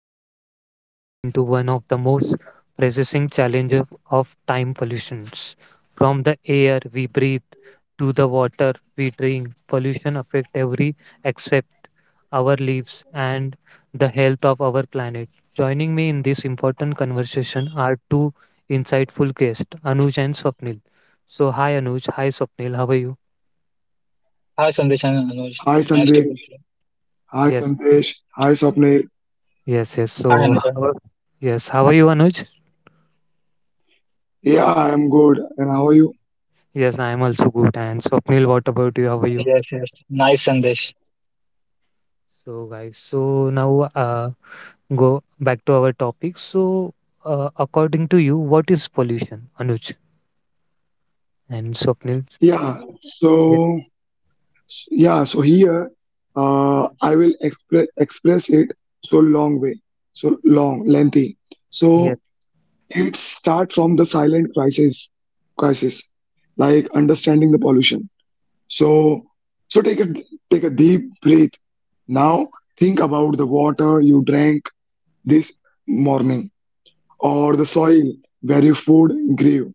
where we dive deep into one of the most pressing challenges of time pollutions. From the air we breathe to the water we drink, pollution affects every except our lives and the health of our planet. Joining me in this important conversation are two insightful guests, Anuj and Swapnil. So, hi Anuj, hi Swapnil, how are you? Hi Sandesh and Anuj. Hi Nice to meet Sandeep. you. Hi Yes. Sandesh. Hi Swapnil. Yes. Hi So, Anuj. Yes, how are you, Anuj? Yeah, I'm good. And how are you? Yes, I am also good. And Swapnil, what about you? How are you? Yes. Nice Sandesh. So, guys, so now go back to our topic. So, according to you, what is pollution, Anuj and Swapnil? Yeah. Yeah, So yeah. So here, I will express it so long way, so long, lengthy. So yes, it starts from the silent crisis, like understanding the pollution. So so take a take a deep breath. Now think about the water you drank this morning or the soil where your food grew.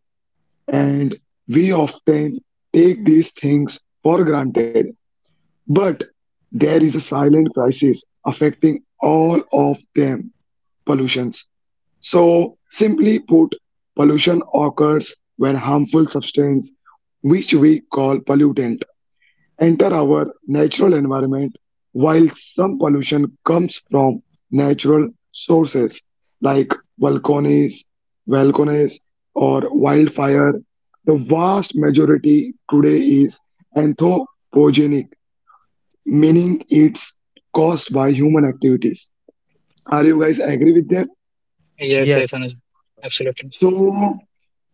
And we often take these things for granted. But there is a silent crisis affecting all of them, pollutions. So, simply put, pollution occurs when harmful substance, which we call pollutant, enter our natural environment, while some pollution comes from natural sources like volcanoes, volcanoes or wildfire. The vast majority today is anthropogenic, meaning it's caused by human activities. Are you guys agree with that? Yes, yes, Anuj. yes, Absolutely. So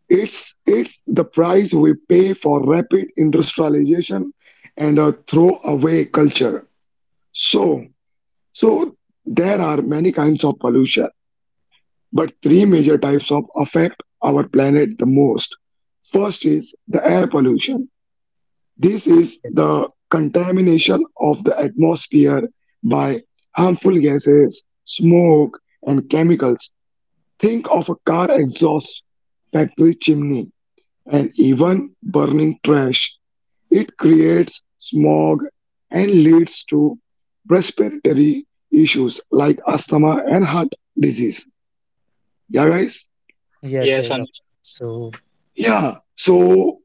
it's the price we pay for rapid industrialization and a throwaway culture. So So there are many kinds of pollution, but three major types of affect our planet the most. First is the air pollution. This is yes, the contamination of the atmosphere by harmful gases, smoke, and chemicals. Think of a car exhaust, factory chimney, and even burning trash. It creates smog and leads to respiratory issues like asthma and heart disease. Yeah, guys? yes. Yes, Anuj. So, Yeah. So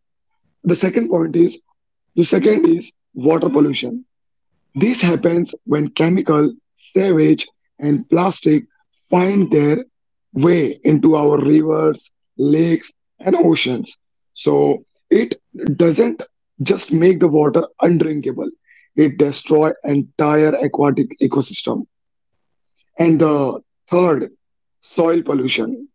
the second point is the second is water pollution. This happens when chemical, sewage, and plastic find their way into our rivers, lakes, and oceans. So it doesn't just make the water undrinkable, it destroys entire aquatic ecosystem. And the third, soil pollution.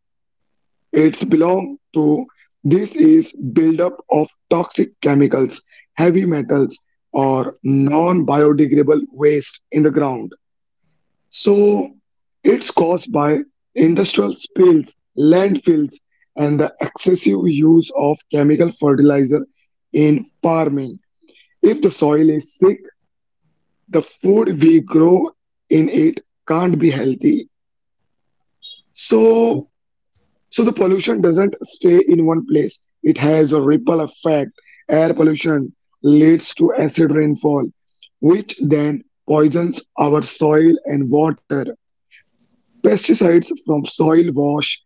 It's belong to this is buildup of toxic chemicals, heavy metals, or non-biodegradable waste in the ground. So it's caused by industrial spills, landfills, and the excessive use of chemical fertilizer in farming. If the soil is sick, the food we grow in it can't be healthy. So So the pollution doesn't stay in one place. It has a ripple effect. Air pollution leads to acid rainfall, which then poisons our soil and water. Pesticides from soil wash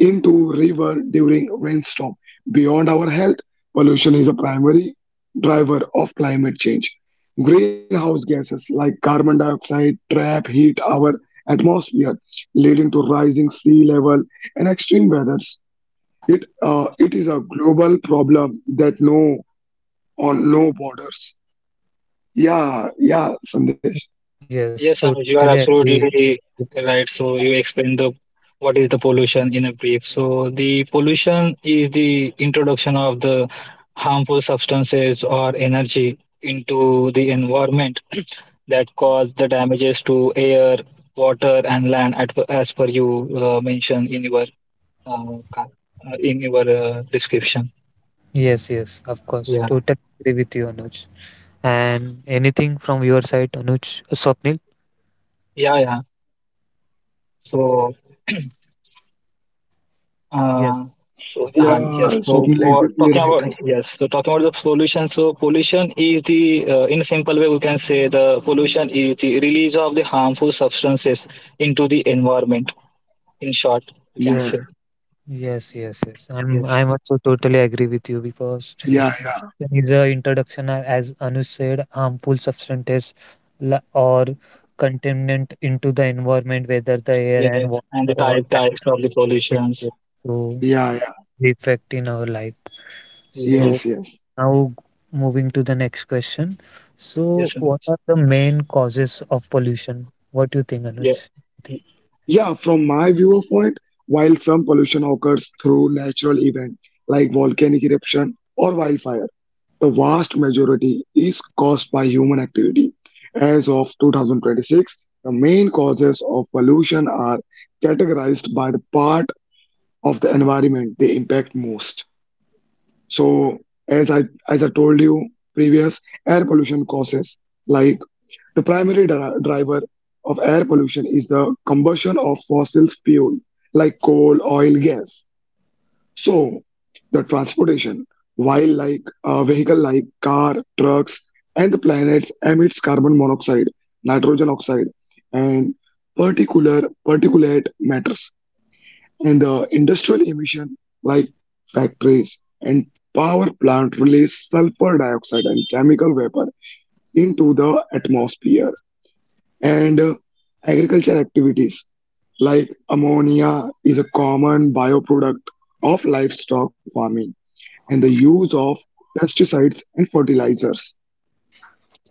into river during rainstorm. Beyond our health, pollution is a primary driver of climate change. Greenhouse gases like carbon dioxide trap heat our atmosphere, leading to rising sea level and extreme weather. It is a global problem that no on no borders. Yeah, yeah, Sandesh. yes, Yes, Anuj. totally You are agree. absolutely right. So you explained the what is the pollution in a brief. So the pollution is the introduction of the harmful substances or energy into the environment that cause the damages to air, water, and land as per you mentioned in your uh, ca- in your description. Yes, yes, of Yeah, course, totally agree with you, Anuj. And anything from your side, Anuj, Swapnil? yeah. So, uh, Yes. so Yeah, yes. So, Swapnil, or exactly talking right. about yes. So, talking about the pollution. So, pollution is the in a simple way we can say the pollution is the release of the harmful substances into the environment. In short, we can Yeah, say Yes. I'm yes, I'm also totally agree with you because yes, yeah, yes, there is a introduction as Anu said, harmful substances or contaminant into the environment, whether the air yes. and water And the type or land. types of the Yes, pollutions. yes. So yeah, yeah. that's the effect in our life. Yes, Yes, So yes. now moving to the next question. yes, So what Anuj. are the main causes of pollution? What do you think, yeah, Anuj? Yeah, from my viewpoint, while some pollution occurs through natural event like volcanic eruption or wildfire, the vast majority is caused by human activity. As of 2026, the main causes of pollution are categorized by the part of the environment they impact most. So as I told you previous, air pollution causes, like the primary driver of air pollution is the combustion of fossil fuel like coal, oil, gas. So the transportation, while like a vehicle like car, trucks, and the planets emits carbon monoxide, nitrogen oxide, and particular particulate matters and the industrial emission like factories and power plant release sulfur dioxide and chemical vapor into the atmosphere and agricultural activities like ammonia is a common bioproduct of livestock farming and the use of pesticides and fertilizers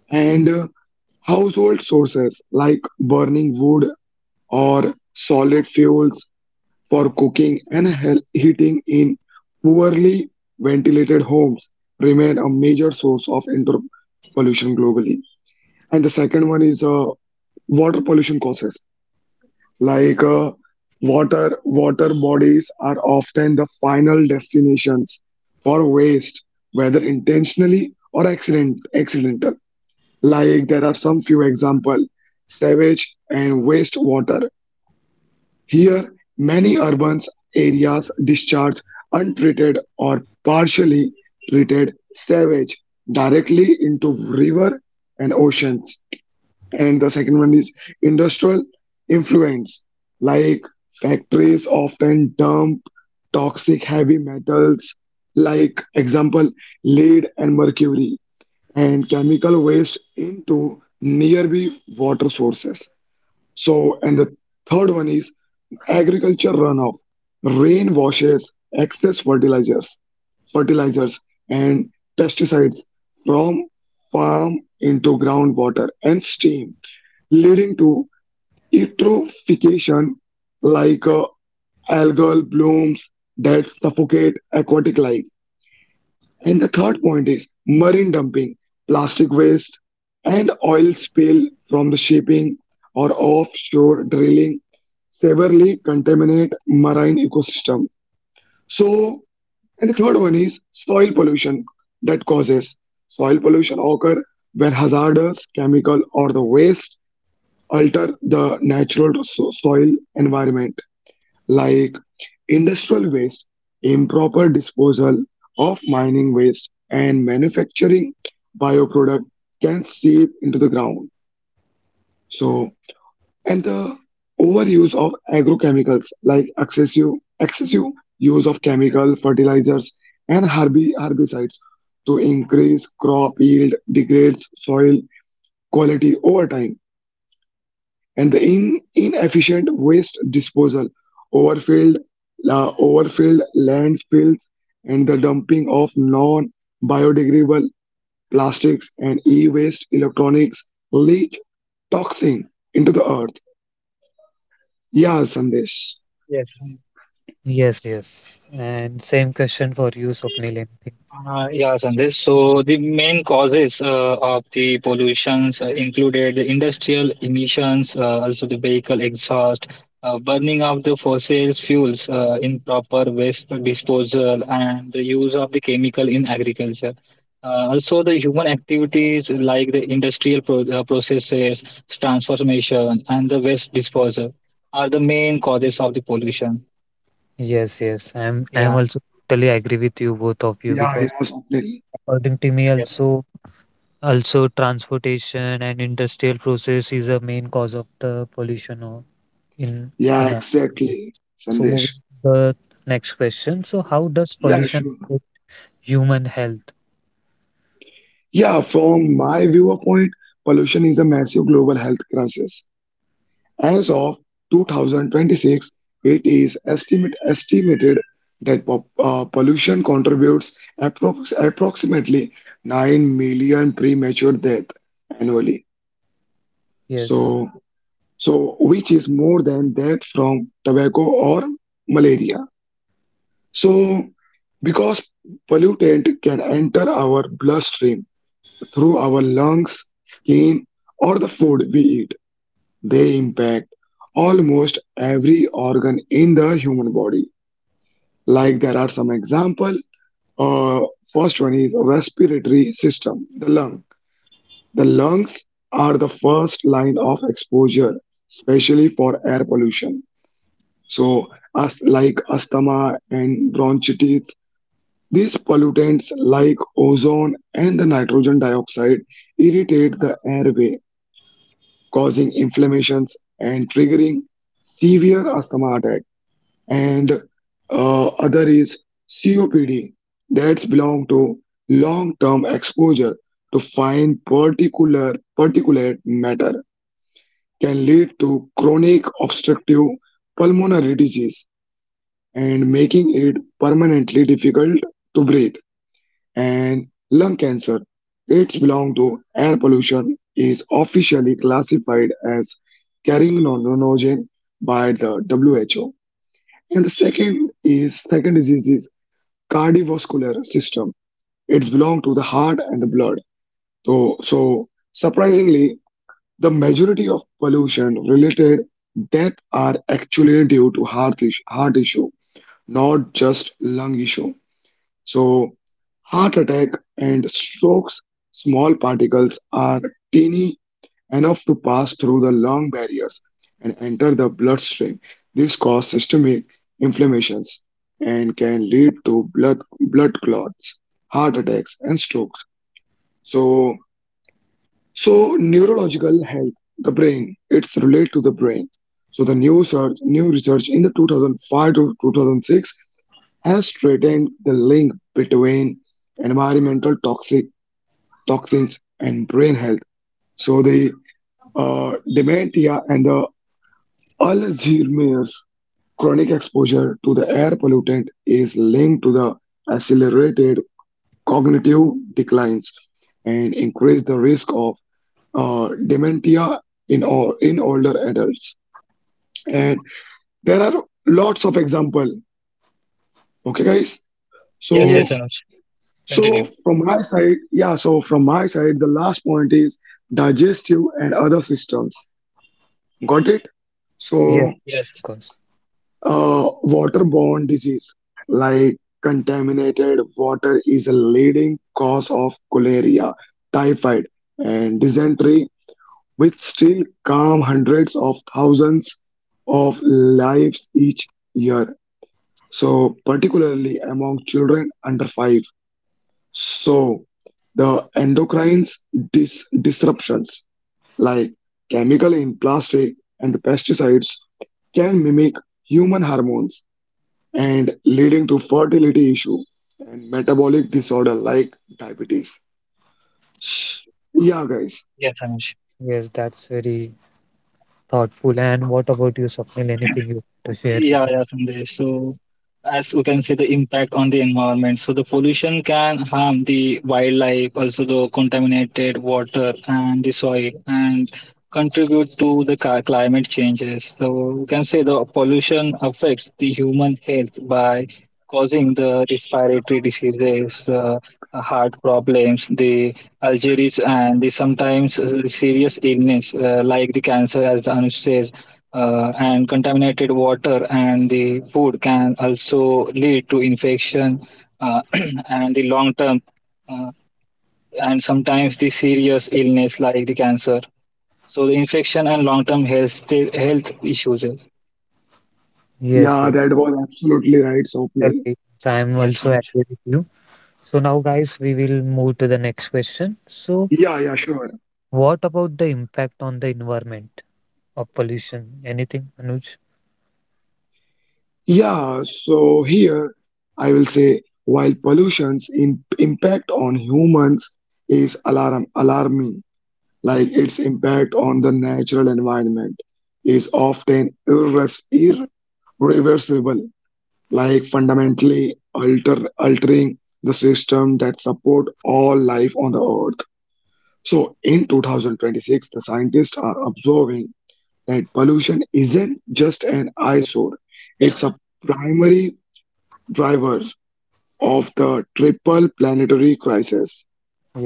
and household sources like burning wood or solid fuels for cooking and heating in poorly ventilated homes remain a major source of indoor pollution globally. And the second one is water pollution causes. Like water bodies are often the final destinations for waste, whether intentionally or accidental. Like there are some few example, sewage and wastewater here, many urban areas discharge untreated or partially treated sewage directly into river and oceans. And the second one is industrial influence, like factories often dump toxic heavy metals, like example lead and mercury, and chemical waste into nearby water sources. So, and the third one is agriculture runoff, rain washes, excess fertilizers and pesticides from farm into groundwater and stream, leading to eutrophication like algal blooms that suffocate aquatic life. And the third point is marine dumping, plastic waste, and oil spill from the shipping or offshore drilling severely contaminate marine ecosystem. So, and the third one is soil pollution that causes soil pollution occur when hazardous chemical or the waste alter the natural soil environment like industrial waste, improper disposal of mining waste, and manufacturing bioproduct can seep into the ground. So, and the overuse of agrochemicals like excessive use of chemical fertilizers and herbicides to increase crop yield degrades soil quality over time. And the inefficient waste disposal, overfilled, overfilled landfills, and the dumping of non-biodegradable plastics and e-waste electronics leak toxin into the earth. Yeah, Sandesh. yes. Yes. And same question for you, Swapnil. Yeah, Sandesh. So the main causes of the pollutions included the industrial emissions, also the vehicle exhaust, burning of the fossil fuels, improper waste disposal, and the use of the chemical in agriculture. Also, the human activities like the industrial processes, transformation, and the waste disposal are the main causes of the pollution. Yes. I'm Yeah. I'm also totally agree with you both of you Yeah, yeah, because Swapnil. according to me Yes. Also transportation and industrial process is a main cause of the pollution in Yeah, in our exactly, so moving Sandesh. to the next question. So how does Yeah, sure. pollution affect human health? Yeah, from my viewpoint, pollution is a massive global health crisis. As of 2026, it is estimated that pollution contributes approximately 9 million premature deaths annually. Yes. So, so which is more than that from tobacco or malaria. So, because pollutant can enter our bloodstream through our lungs, skin, or the food we eat, they impact almost every organ in the human body. Like there are some example. Uh, First one is respiratory system, the lung. The lungs are the first line of exposure, especially for air pollution. So, as like asthma and bronchitis, these pollutants like ozone and the nitrogen dioxide irritate the airway, causing inflammations and triggering severe asthma attacks, and other is COPD. That's belong to Long-term exposure to fine particular particulate matter can lead to chronic obstructive pulmonary disease and making it permanently difficult to breathe, and lung cancer, it's belong to air pollution is officially classified as carcinogen by the WHO. And the second is second disease, cardiovascular system. It's belong to The heart and the blood. So, so surprisingly, the majority of pollution-related death are actually due to heart issue, not just lung issue. So, heart attack and strokes, small particles are teeny enough to pass through the lung barriers and enter the bloodstream. This causes systemic inflammations and can lead to blood clots, heart attacks, and strokes. So, so neurological health, the brain, it's related to the brain. So the new research in the 2005 to 2006 has straightened the link between environmental toxic toxins and brain health. So the dementia and the Alzheimer's, chronic exposure to the air pollutant is linked to the accelerated cognitive declines and increase the risk of dementia in or in older adults. And there are lots of example. Okay, guys. Yes. So Yes, Yes, Anuj. so Continue. from my side, yeah. So from my side, the last point is digestive and other systems. Got it? So yes, Yes. of course. Waterborne disease like contaminated water is a leading cause of cholera, typhoid, and dysentery, which still harm hundreds of thousands of lives each year. So, particularly among children under five. So, the endocrine disruptions like chemical in plastic and pesticides can mimic human hormones and leading to fertility issue and metabolic disorder like diabetes. Yeah, guys. Yes, Anuj. Yes, that's very thoughtful. And what about you, Swapnil? Anything you want to share Yeah, with us? yeah, Sandesh. So, as we can see, the impact on the environment. So, the pollution can harm the wildlife, also the contaminated water and the soil, and contribute to the climate changes. So, we can say the pollution affects the human health by causing the respiratory diseases, heart problems, the allergies, and the sometimes serious illness like the cancer, as Anush says and contaminated water and the food can also lead to infection uh, and the long term uh, and sometimes the serious illness like the cancer, so the infection and long term health issues is- Yes, Yeah, yes. that was absolutely right, Swapnil. Totally. So I'm yes also Anuj. agree with you. So now, guys, we will move to the next question. So, Yeah, yeah, sure. what about the impact on the environment of pollution? Anything, Anuj? Yeah, so here I will say while impact on humans is alarming, like its impact on the natural environment is often irreversible, like fundamentally altering the system that support all life on the earth. So in 2026 the scientists are observing that pollution isn't just an eyesore, it's a primary driver of the triple planetary crisis,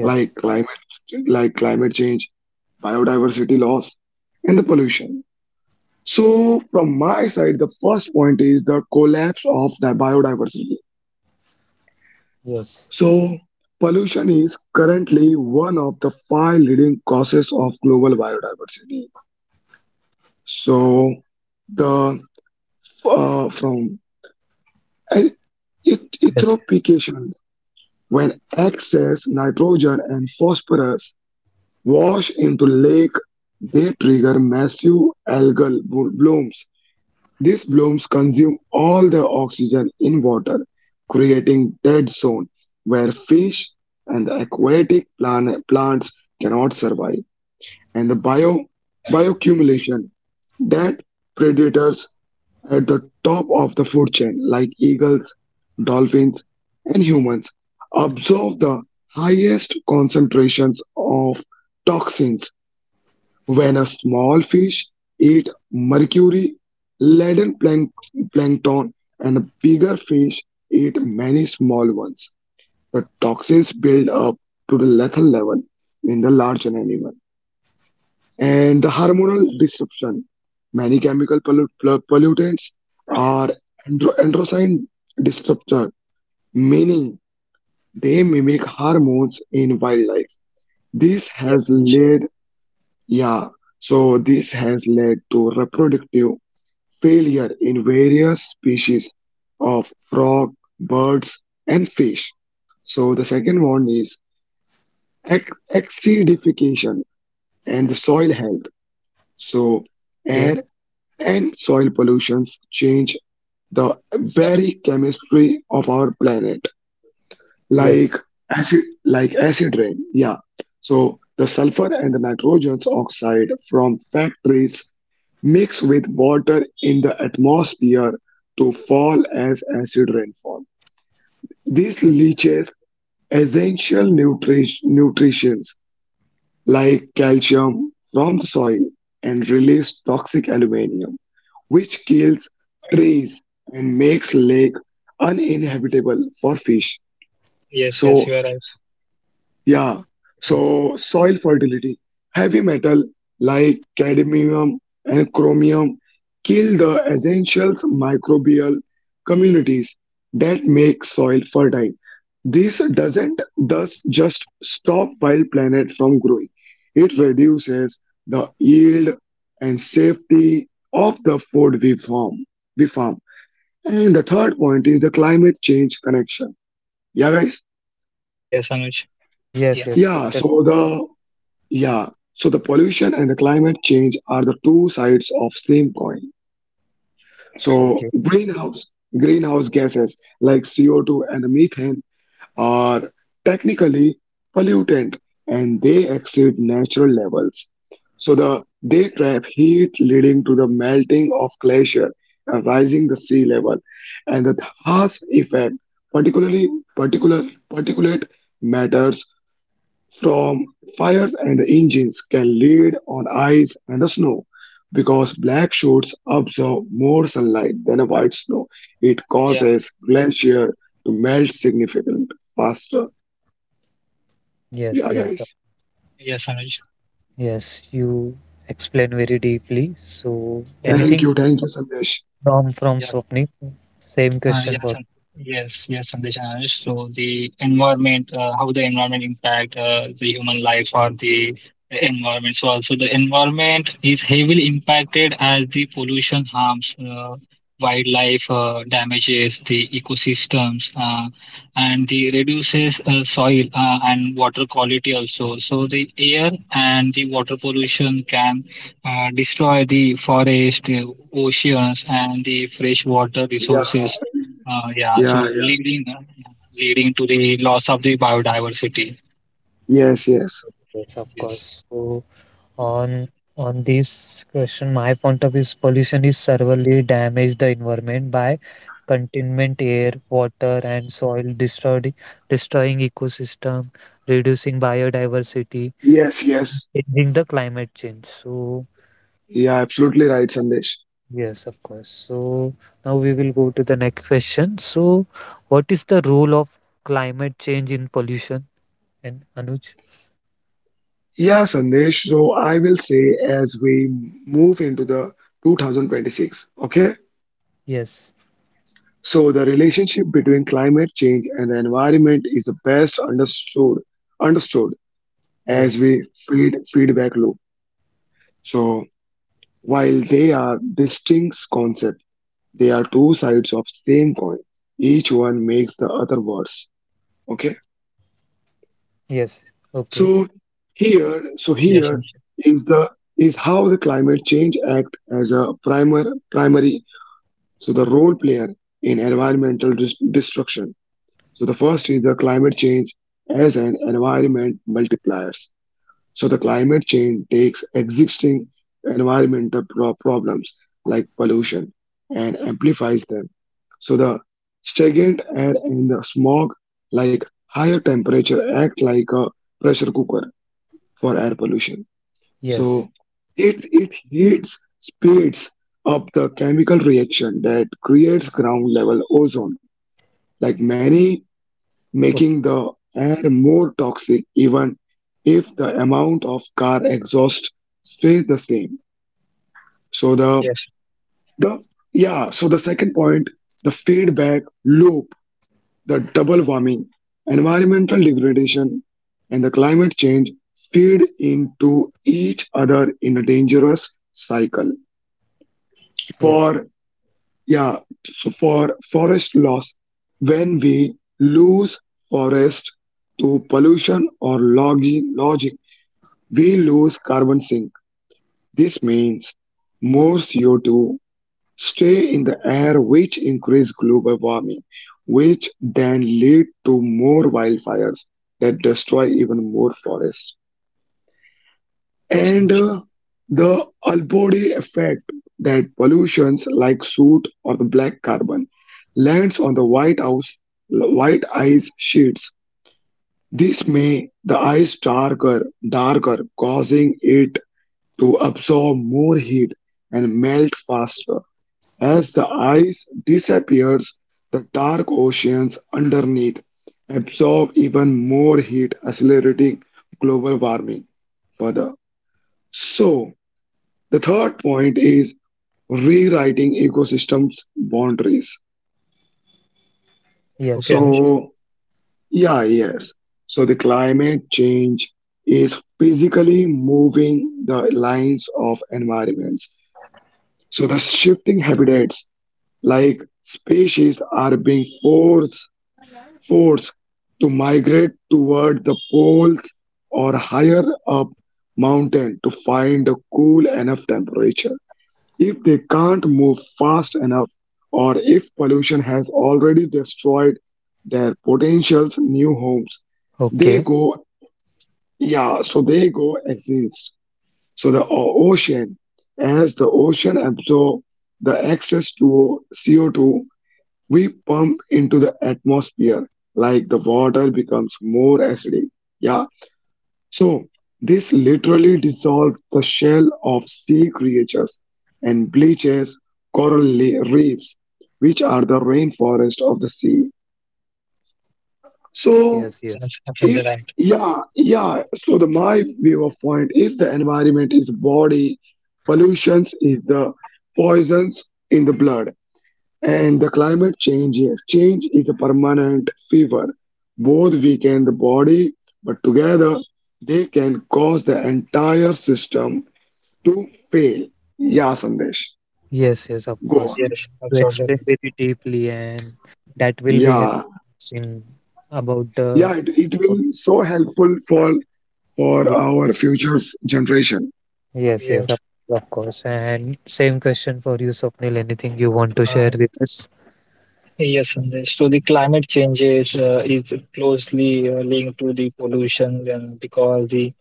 like climate change, biodiversity loss, and the pollution. So from my side, the first point is the collapse of the biodiversity. Yes. So, pollution is currently one of the five leading causes of global biodiversity. So, the from e- Yes. eutrophication, when excess nitrogen and phosphorus wash into lake, they trigger massive blooms. These blooms consume all the oxygen in water, creating dead zone where fish and the aquatic plants cannot survive. And the bioaccumulation, that predators at the top of the food chain, like eagles, dolphins, and humans, absorb the highest concentrations of toxins. When a small fish eat mercury-laden plankton and bigger fish eat many small ones, the toxins build up to the lethal level in the larger animal. And the hormonal disruption. Many chemical pollutants are androgen disruptor, meaning they mimic hormones in wildlife. This Yes has Anuj. led, yeah, so this has led to reproductive failure in various species of frog, birds, and fish. So the second one is ac- acidification and the soil health. So Okay. air and soil pollutions change the very chemistry of our planet, like Yes. Acid rain. Yeah. So the sulfur and the nitrogen's oxide from factories mix with water in the atmosphere to fall as acid rainfall. This ye- leaches essential nutrients like calcium from the soil and releases toxic aluminum, which kills trees and makes lake uninhabitable for fish. Yes, yes, you So are right. Yeah. So soil fertility. Heavy metal like cadmium and chromium kill the essential microbial communities that make soil fertile. This doesn't thus just stop wild planet from growing. It reduces the yield and safety of the food we farm. We farm. And the third point is the climate change connection. Yeah, guys. Yes Anuj. Yeah, yes, Yeah. totally. So the Yeah, so the pollution and the climate change are the two sides of same coin. So Okay. greenhouse gases like CO2 and methane are technically pollutant and they exceed natural levels. So they trap heat, leading to the melting of glacier and rising the sea level, and the harsh effect, particularly particular particulate matters from fires and the engines can lead on ice and the snow because black shoots absorb more sunlight than a white snow. It yeah. causes glacier to melt significantly faster. Yes, Yeah, yes, uh, guys. Yes Anuj. yes. You explain very deeply. So, anything Thank you, Sandesh. from Yeah. Swapnik? Same Uh, question yes, for. Sam- yes, Sandesh and Anush. So the environment, how the environment impact the human life or the environment. So also the environment is heavily impacted as the pollution harms wildlife, damages the ecosystems, and the reduces soil and water quality also. So the air and the water pollution can destroy the forest, oceans, and the fresh water Yeah, resources, yeah, so yeah, yeah. Leading to the loss of the biodiversity. Yes, yes, Yes, of Yes. course. So on on this question my point of view is pollution is severely damage the environment by containment air water and soil destroyed destroying ecosystem, reducing biodiversity, yes, yes. changing the climate change. So Yeah, absolutely right, Sandesh. yes, of course. So now we will go to the next question. So what is the role of climate change in pollution, and Anuj? Yeah, Sandesh. So I will say as we move into the 2026. Okay. yes So, the relationship between climate change and the environment is the best understood as yes we feedback loop. So, while they are distinct concepts, they are two sides of same coin. Each one makes the other worse. Okay. yes okay So here, so Yes, here Anuj. is the is how the climate change act as a primer primary so the role player in environmental destruction. So the first is the climate change as an environment multipliers. So the climate change takes existing environmental problems like pollution and amplifies them. So the stagnant air and the smog, like higher temperature, act like a pressure cooker for air pollution. yes So it speeds up the chemical reaction that creates ground level ozone, like many, making okay the air more toxic even if the amount of car exhaust stays the same. So the Yes, the yeah, so the second point, the feedback loop, the double warming, environmental degradation and the climate change feed into each other in a dangerous cycle. yes For Yeah, so for forest loss, when we lose forest to pollution or logging, we lose carbon sink. This means more CO2 stay in the air, which increase global warming, which then lead to more wildfires that destroy even more forests. yes, And Anuj. The Albody effect, that pollutions like soot or the black carbon lands on the white house white ice sheets, this may the ice darker, causing it to absorb more heat and melt faster. As the ice disappears, the dark oceans underneath absorb even more heat, accelerating global warming further. So the third point is rewriting ecosystems boundaries. Okay, yes Anuj. So, yeah, yes. So the climate change is physically moving the lines of environments. So the shifting habitats, like species are being forced to migrate toward the poles or higher up mountain to find a cool enough temperature. If they can't move fast enough, or if pollution has already destroyed their potential's new homes, they Okay. go, they go extinct. So the ocean, as the ocean absorbs the excess to CO2 we pump into the atmosphere, like the water becomes more acidic. Yeah, so this literally dissolves the shell of sea creatures and bleaches coral reefs, which are the rainforest of the sea. Yes, So, yes, It's absolutely if right. yeah, yeah. So the my view of point, if the environment is body, pollutions is the poisons in the blood. And the climate change here. Change is a permanent fever. Both weaken the body, but together they can cause the entire system to fail. Yeah, Sandesh. yes, of Go course. on. Yes, You absolutely explained right. very deeply, and that will be helpful Yeah. in about the. Yeah, it will be so helpful for Ye- our future's generation. Yes, yes, Yes. of, of course. And same question for you, Swapnil. Anything you want to Uh, share with us? Yes, Sandesh. So the climate changes is closely linked to the pollution, and because the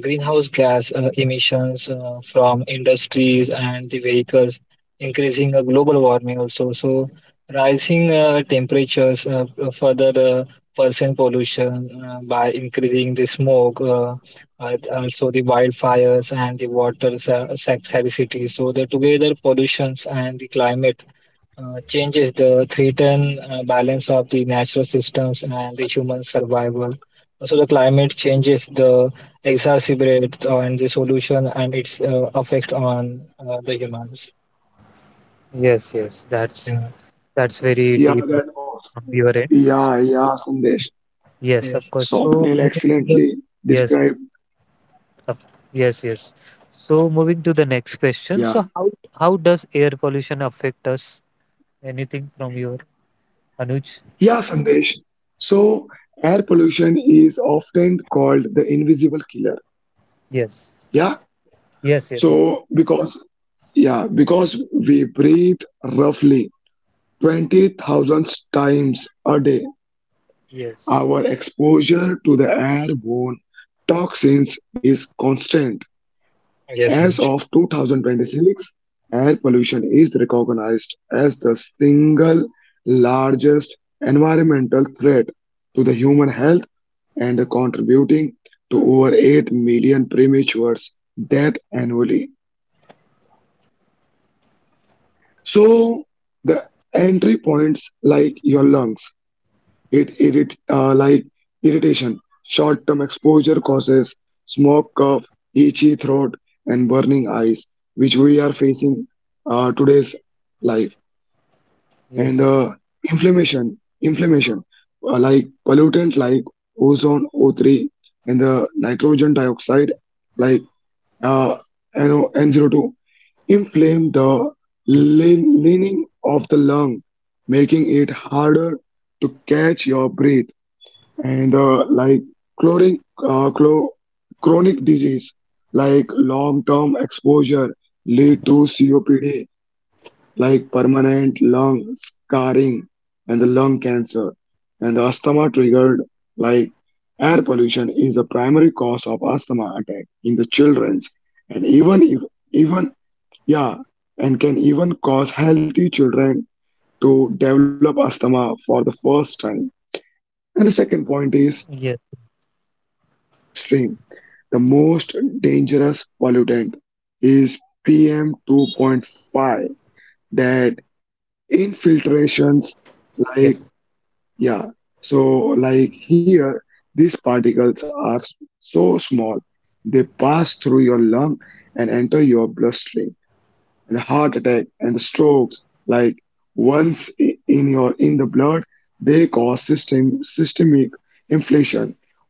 greenhouse gas emissions from industries and the vehicles increasing global warming also. So rising temperatures further worsen pollution by increasing the smoke, also the wildfires and the water scarcity. So the together pollutions and the climate changes the threaten balance of the natural systems and the human survival. Also, the climate changes the exacerbate on the solution and its effect on the humans. Yes, that's Yeah. Very Yeah, deep now that was. from your end. Yeah, yeah, Sandesh. Yes, of Yes. course. So Swapnil moving excellently yes, described. of, yes. So moving to the next question. So Yeah. how does air pollution affect us? Anything from your, Anuj? Yeah, Sandesh. So, air pollution is often called the invisible killer. Yes. Yeah. Yes, yes, sir. So, because we breathe roughly 20,000 times a day, Yes, our exposure to the airborne toxins is constant. Yes, As Anuj. of 2026, air pollution is recognized as the single largest environmental threat to the human health and contributing to over 8 million premature deaths annually. So, the entry points, like your lungs. It irrit Like irritation. Short-term exposure causes smoke, cough, itchy throat, and burning eyes, which we are facing today's life. And yes, inflammation, like pollutants like ozone, O3, and the nitrogen dioxide, like uh, NO, NO2, inflame the yes, leaning of the lung, making it harder to catch your breath. And like chronic uh, clo- chronic disease, like long term exposure lead to COPD, like permanent lung scarring and the lung cancer. And the asthma triggered, like air pollution is a primary cause of asthma attack in the children's, and Yeah. even if even yeah and can even cause healthy children to develop asthma for the first time. And the second point yes, is blood bloodstream. The most dangerous pollutant is PM 2.5 that yes, infiltrations, like yeah. So like here, these particles are so small they pass through your lung and enter your bloodstream. And the heart attack and the strokes, like once in the blood, they cause systemic inflammation,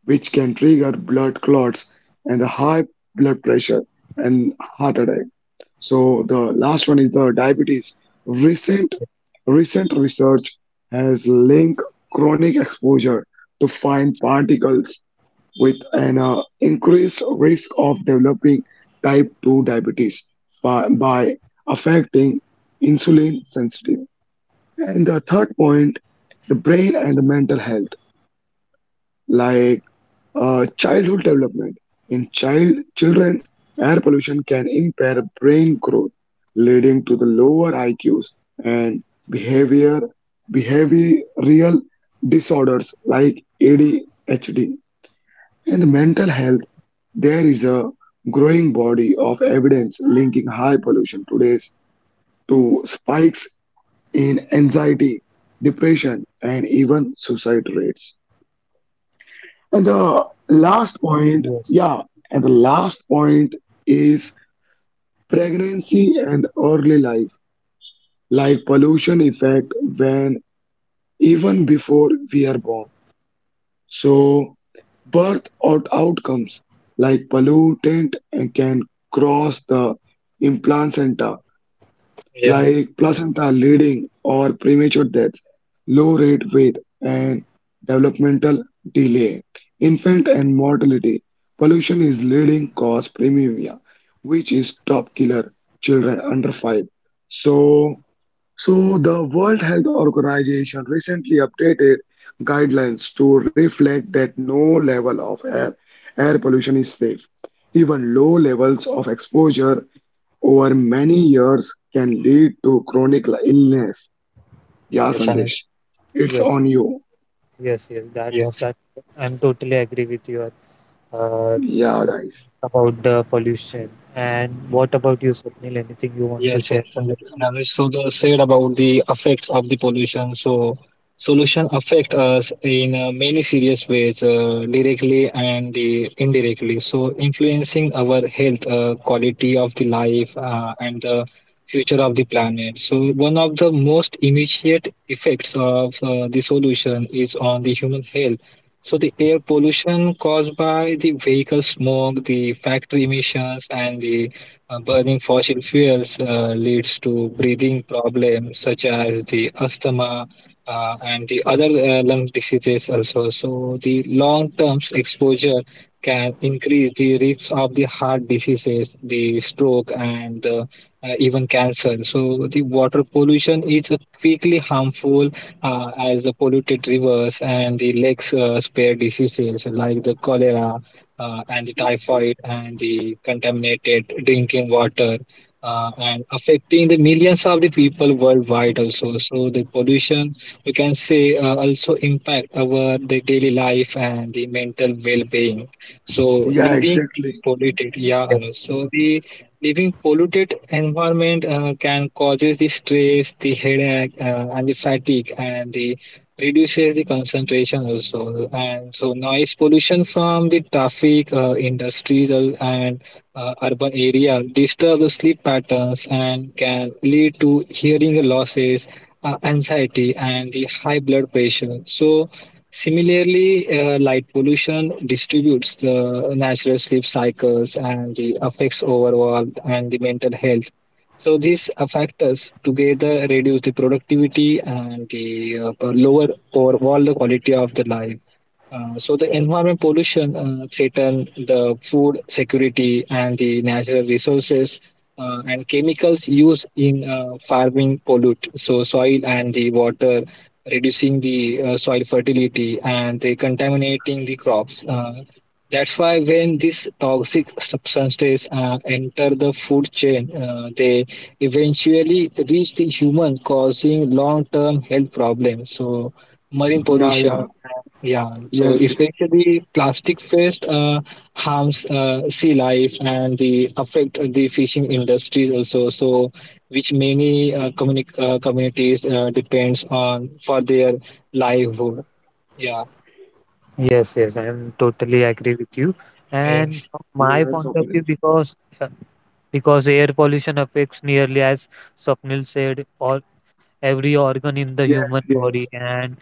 which can trigger blood clots and the high blood pressure and heart attack. So the last one is the diabetes. Recent recent research has linked chronic exposure to fine particles with an increased risk of developing type 2 diabetes by affecting insulin sensitive. And the third point, the brain and the mental health, like childhood development. In children's air pollution can impair brain growth, leading to the lower IQs and behavior behavioral disorders like ADHD. And mental health, there is a growing body of evidence linking high pollution today's to spikes in anxiety, depression, and even suicide rates. And the yes, last point, yeah, and the last point is pregnancy and early life, like pollution effect when even before we are born. So birth outcomes, like pollutant and can cross the implant, Yeah. like placenta leading or premature death, low rate weight and developmental delay, infant and mortality. Pollution is leading cause premiumia, which is top killer children under 5. So, the World Health Organization recently updated guidelines to reflect that no level of air pollution is safe. Even low levels of exposure over many years can lead to chronic illness. Yeah, Yes, Sandesh, Anuj. it's yes, on you. yes, yes. That's Yes. that. I'm totally agree with your uh, Yeah, guys. about the pollution. And what about you, Sunil? Anything you want to Yes, share? 100%. And so the said about the effects of the pollution. So solution affect us in many serious ways, directly and the indirectly. So influencing our health, quality of the life, and the future of the planet. So one of the most immediate effects of the solution is on the human health. So the air pollution caused by the vehicle smoke, the factory emissions, and the burning fossil fuels leads to breathing problems such as the asthma and the other lung diseases also. So the long-term exposure can increase the risks of the heart diseases, the stroke, and the, even cancer. So the water pollution is a quickly harmful as the polluted rivers and the lakes spare diseases like the cholera and the typhoid and the contaminated drinking water and affecting the millions of the people worldwide. Also, so the pollution, we can say, also impact our the daily life and the mental well-being. So Yeah, living in exactly. polluted, yeah Anu. So the living polluted environment can causes the stress, the headache and the fatigue and the reduces the concentration also. And so noise pollution from the traffic, industries and urban area disturb the sleep patterns and can lead to hearing losses, anxiety, and the high blood pressure. So similarly, light pollution distributes the natural sleep cycles and the affects overall and the mental health. So these factors together reduce the productivity and the lower overall the quality of the life. So the environment pollution threaten the food security and the natural resources, and chemicals used in farming pollute so soil and the water, reducing the soil fertility and they contaminating the crops. That's why when these toxic substances enter the food chain, they eventually reach the human, causing long-term health problems. So marine Yeah, pollution, yeah. yeah, so Yes, yes. especially plastic waste harms sea life and the affect the fishing industries also, so which many communities depends on for their livelihood. Yeah. Yes, I am totally agree with you. And Yes, from my Yes, point of opinion. view, because air pollution affects nearly, as Swapnil said, all every organ in the Yes, human yes. body, and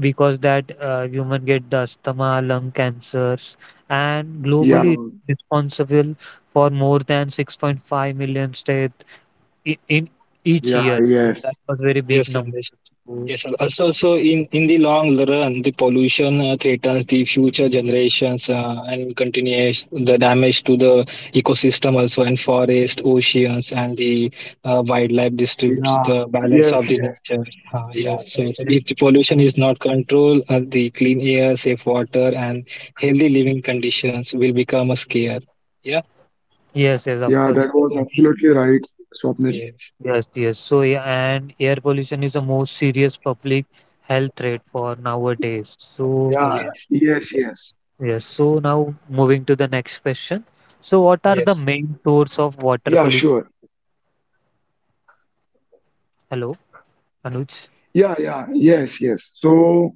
because that human get the asthma lung cancers, and Yeah, globally it's responsible for more than 6.5 million deaths in each yeah, year. So yes. that was very big yes sir. number. So, Yes, and also, in the long run, the pollution threatens the future generations and continues the damage to the ecosystem also, and forest, oceans, and the wildlife disturbs Yeah, the balance of yes, the yes. nature. Yes, Yeah, so, so and- if the pollution is not controlled, the clean air, safe water, and healthy living conditions will become a scare. Yeah. yes, yes, of Yeah, course. that was Mm. absolutely right, Swapnil. Yes. Yes, so yeah, and air pollution is the most serious public health threat for nowadays. So Yeah, Yes. yes, yes. yes, so now moving to the next question. So, what are the Yes. main source of water Yeah, pollution? sure. Hello, Anuj? Yeah, yeah, yes, yes. So,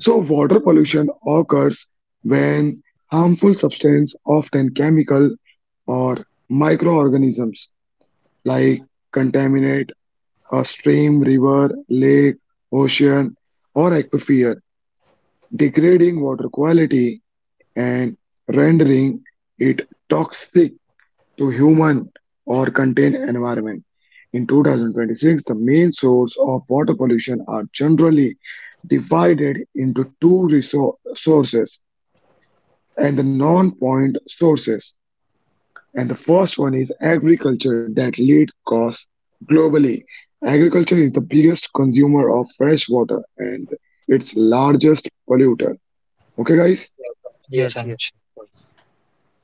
so water pollution occurs when harmful substance, often chemical, or microorganisms, like contaminate a stream, river, lake, ocean, or aquifer, degrading water quality and rendering it toxic to human or contained environment. In 2026, the main source of water pollution are generally divided into two resources and the non-point sources. And the first one is agriculture that lead costs globally. Agriculture is the biggest consumer of fresh water and its largest polluter. Okay, guys? Yes, Yes, Anuj. yes, of course.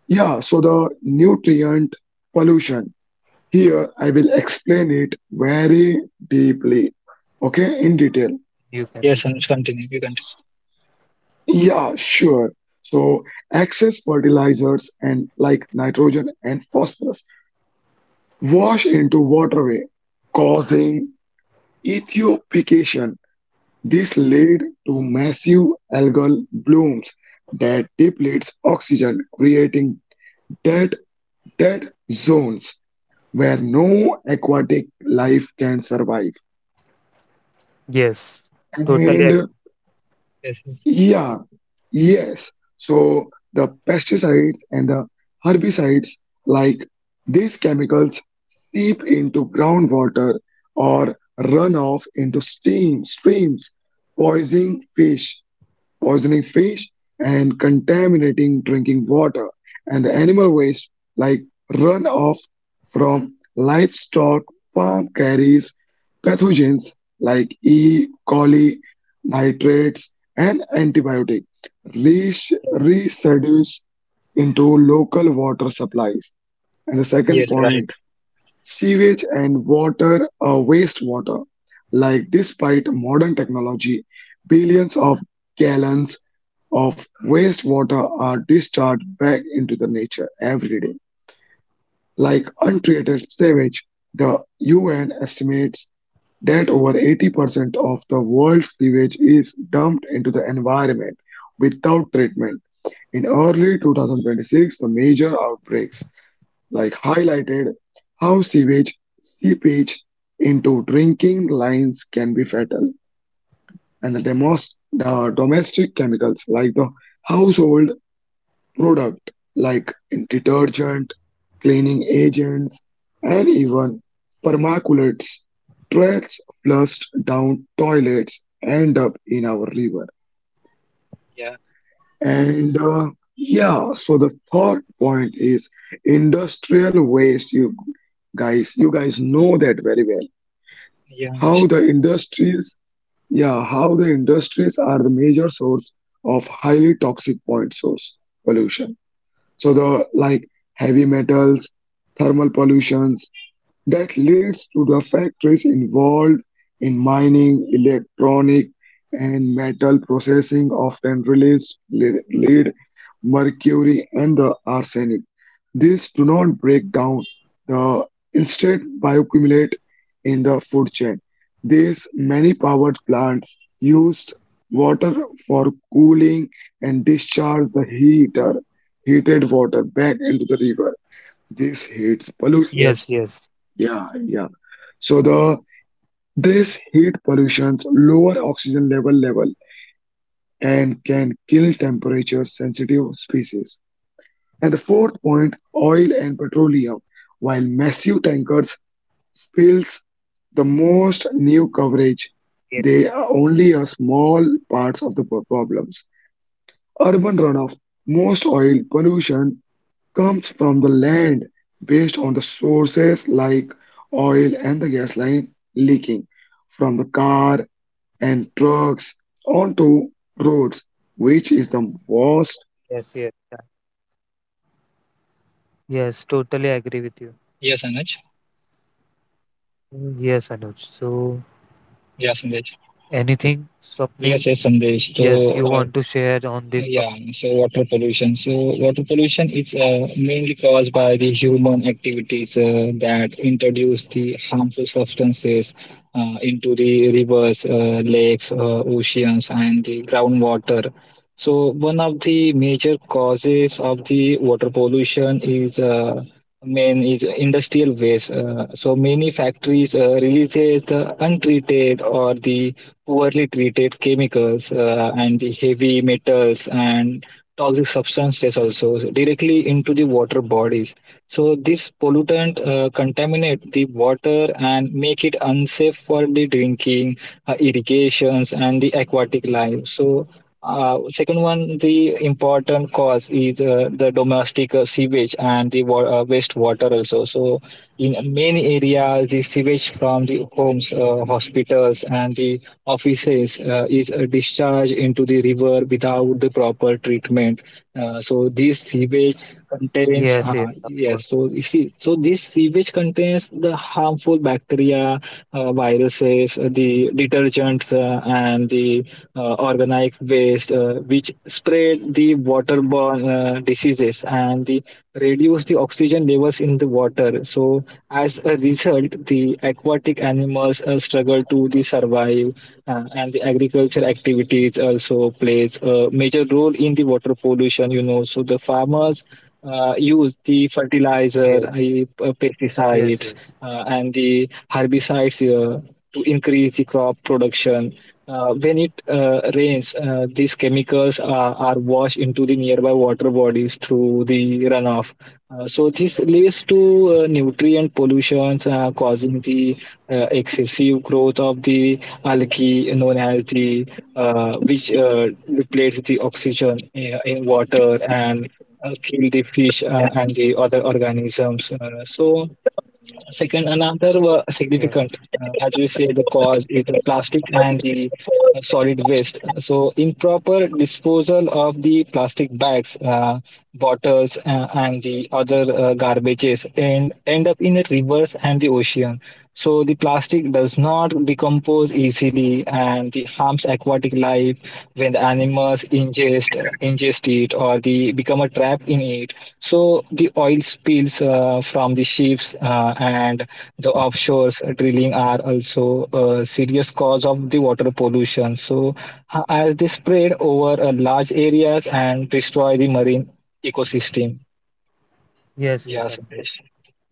Yeah, so the nutrient pollution. Here, I will explain it very deeply. Okay, in detail. You Yes, can Anuj. use it. Continue. You continue. Yeah, sure. So, excess fertilizers and like nitrogen and phosphorus wash into waterway, causing ethiopication. This led to massive algal blooms that depletes oxygen, creating dead, dead zones where no aquatic life can survive. Yes, And totally Yes. yeah, yes. So the pesticides and the herbicides, like these chemicals, seep into groundwater or run off into steam streams, poisoning fish poisoning fish, and contaminating drinking water. And the animal waste, like runoff from livestock farm, carries pathogens like E. coli, nitrates, and antibiotic reach agree. residues into local water supplies. And the Yes. second Right. point, sewage and water wastewater. Like, despite modern technology, billions of gallons of wastewater are discharged back into the nature every day. Like untreated sewage, the UN estimates that over 80% of the world's sewage is dumped into the environment without treatment. In early 2026, the major outbreaks like highlighted how sewage seepage into drinking lines can be fatal, and the domestic chemicals, like the household product like detergent, cleaning agents, and even permaculates threads flushed down toilets, end up in our river. Yeah, And yeah, so the third point is industrial waste. Guys You guys know that very well yeah, how yes, the industries are the major source of highly toxic point source pollution. So the, like, heavy metals, thermal pollutions, that leads to the factories involved in mining, electronic, and metal processing often release lead, mercury, and the arsenic. These do not break down, the instead bioaccumulate in the food chain. These many powered plants use water for cooling and discharge the heater heated water back into the river. This heats Yes, yes, pollution. yes, Yeah, yeah. So the this heat pollutions lower oxygen level and can kill temperature sensitive species. And the fourth point, oil and petroleum. While massive tankers spills the most new yes, coverage, they are only a small parts of the problems. Urban runoff, most oil pollution comes from the land based on the sources like oil and the gas line leaking from the car yes. Yeah. Yes, totally agree with you. yes Anuj, Mm. Yes, Anuj. So, yeah Sandesh, anything, Swapnil? yes, Sandesh. Yes, you So, want to share on this topic? yeah, so water pollution. So, water pollution is mainly caused by the human activities that introduce the harmful substances into the rivers, lakes, oceans, and the groundwater. So, one of the major causes of the water pollution is main is industrial waste. So many factories releases the untreated or the poorly treated chemicals and the heavy metals and toxic substances also directly into the water bodies. So this pollutant contaminate the water and make it unsafe for the drinking, irrigations, and the aquatic life. So second one, the important cause is the domestic sewage and the wastewater also. So in many areas, the sewage from the homes, hospitals, and the offices is discharged into the river without the proper treatment. So this sewage Yes, contains, yes, of course. yes. So you see, so this sewage contains the harmful bacteria, viruses, the detergents, and the organic waste, which spread the waterborne diseases and the, reduce the oxygen levels in the water. So, as a result, the aquatic animals struggle to the survive, and the agriculture activities also plays a major role in the water pollution. You know, so the farmers use the fertilizer, Yes, yes, pesticides, yes. And the herbicides to increase the crop production. When it rains, these chemicals are washed into the nearby water bodies through the runoff. So this leads to nutrient pollutions, causing the excessive growth of the algae known as the which depletes the oxygen in water and kill the fish and the other organisms. So second, another Yes, significant, as we say, the cause is the plastic and the solid waste. So, improper disposal of the plastic bags, bottles, and the other garbages and end up in the rivers and the ocean. So the plastic does not decompose easily and it harms aquatic life when the animals ingest it or they become a trap in it. So the oil spills from the ships and the offshores drilling are also a serious cause of the water pollution. So as they spread over large areas and destroy the marine ecosystem. yes, Yeah, yes, of Sandesh.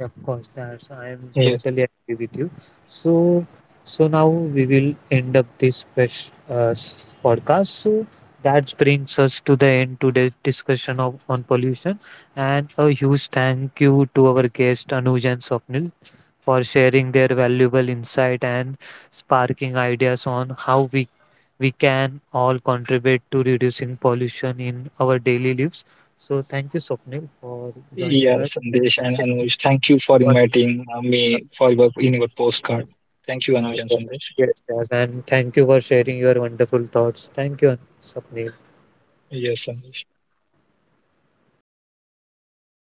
Of course, that's I am Yes. totally agree with you. So, so now we will end up this podcast. So that brings us to the end today's discussion of on pollution. And a huge thank you to our guest Anuj and Swapnil for sharing their valuable insight and sparking ideas on how we can all contribute to reducing pollution in our daily lives. So thank you, Swapnil, for joining Yeah, us. Sandesh and Anuj, thank you for inviting me for your in your postcard. Thank you, Anuj and Yes, Sandesh. yes, and thank you for sharing your wonderful thoughts. Thank you, Sapneem. Yes, Sandesh.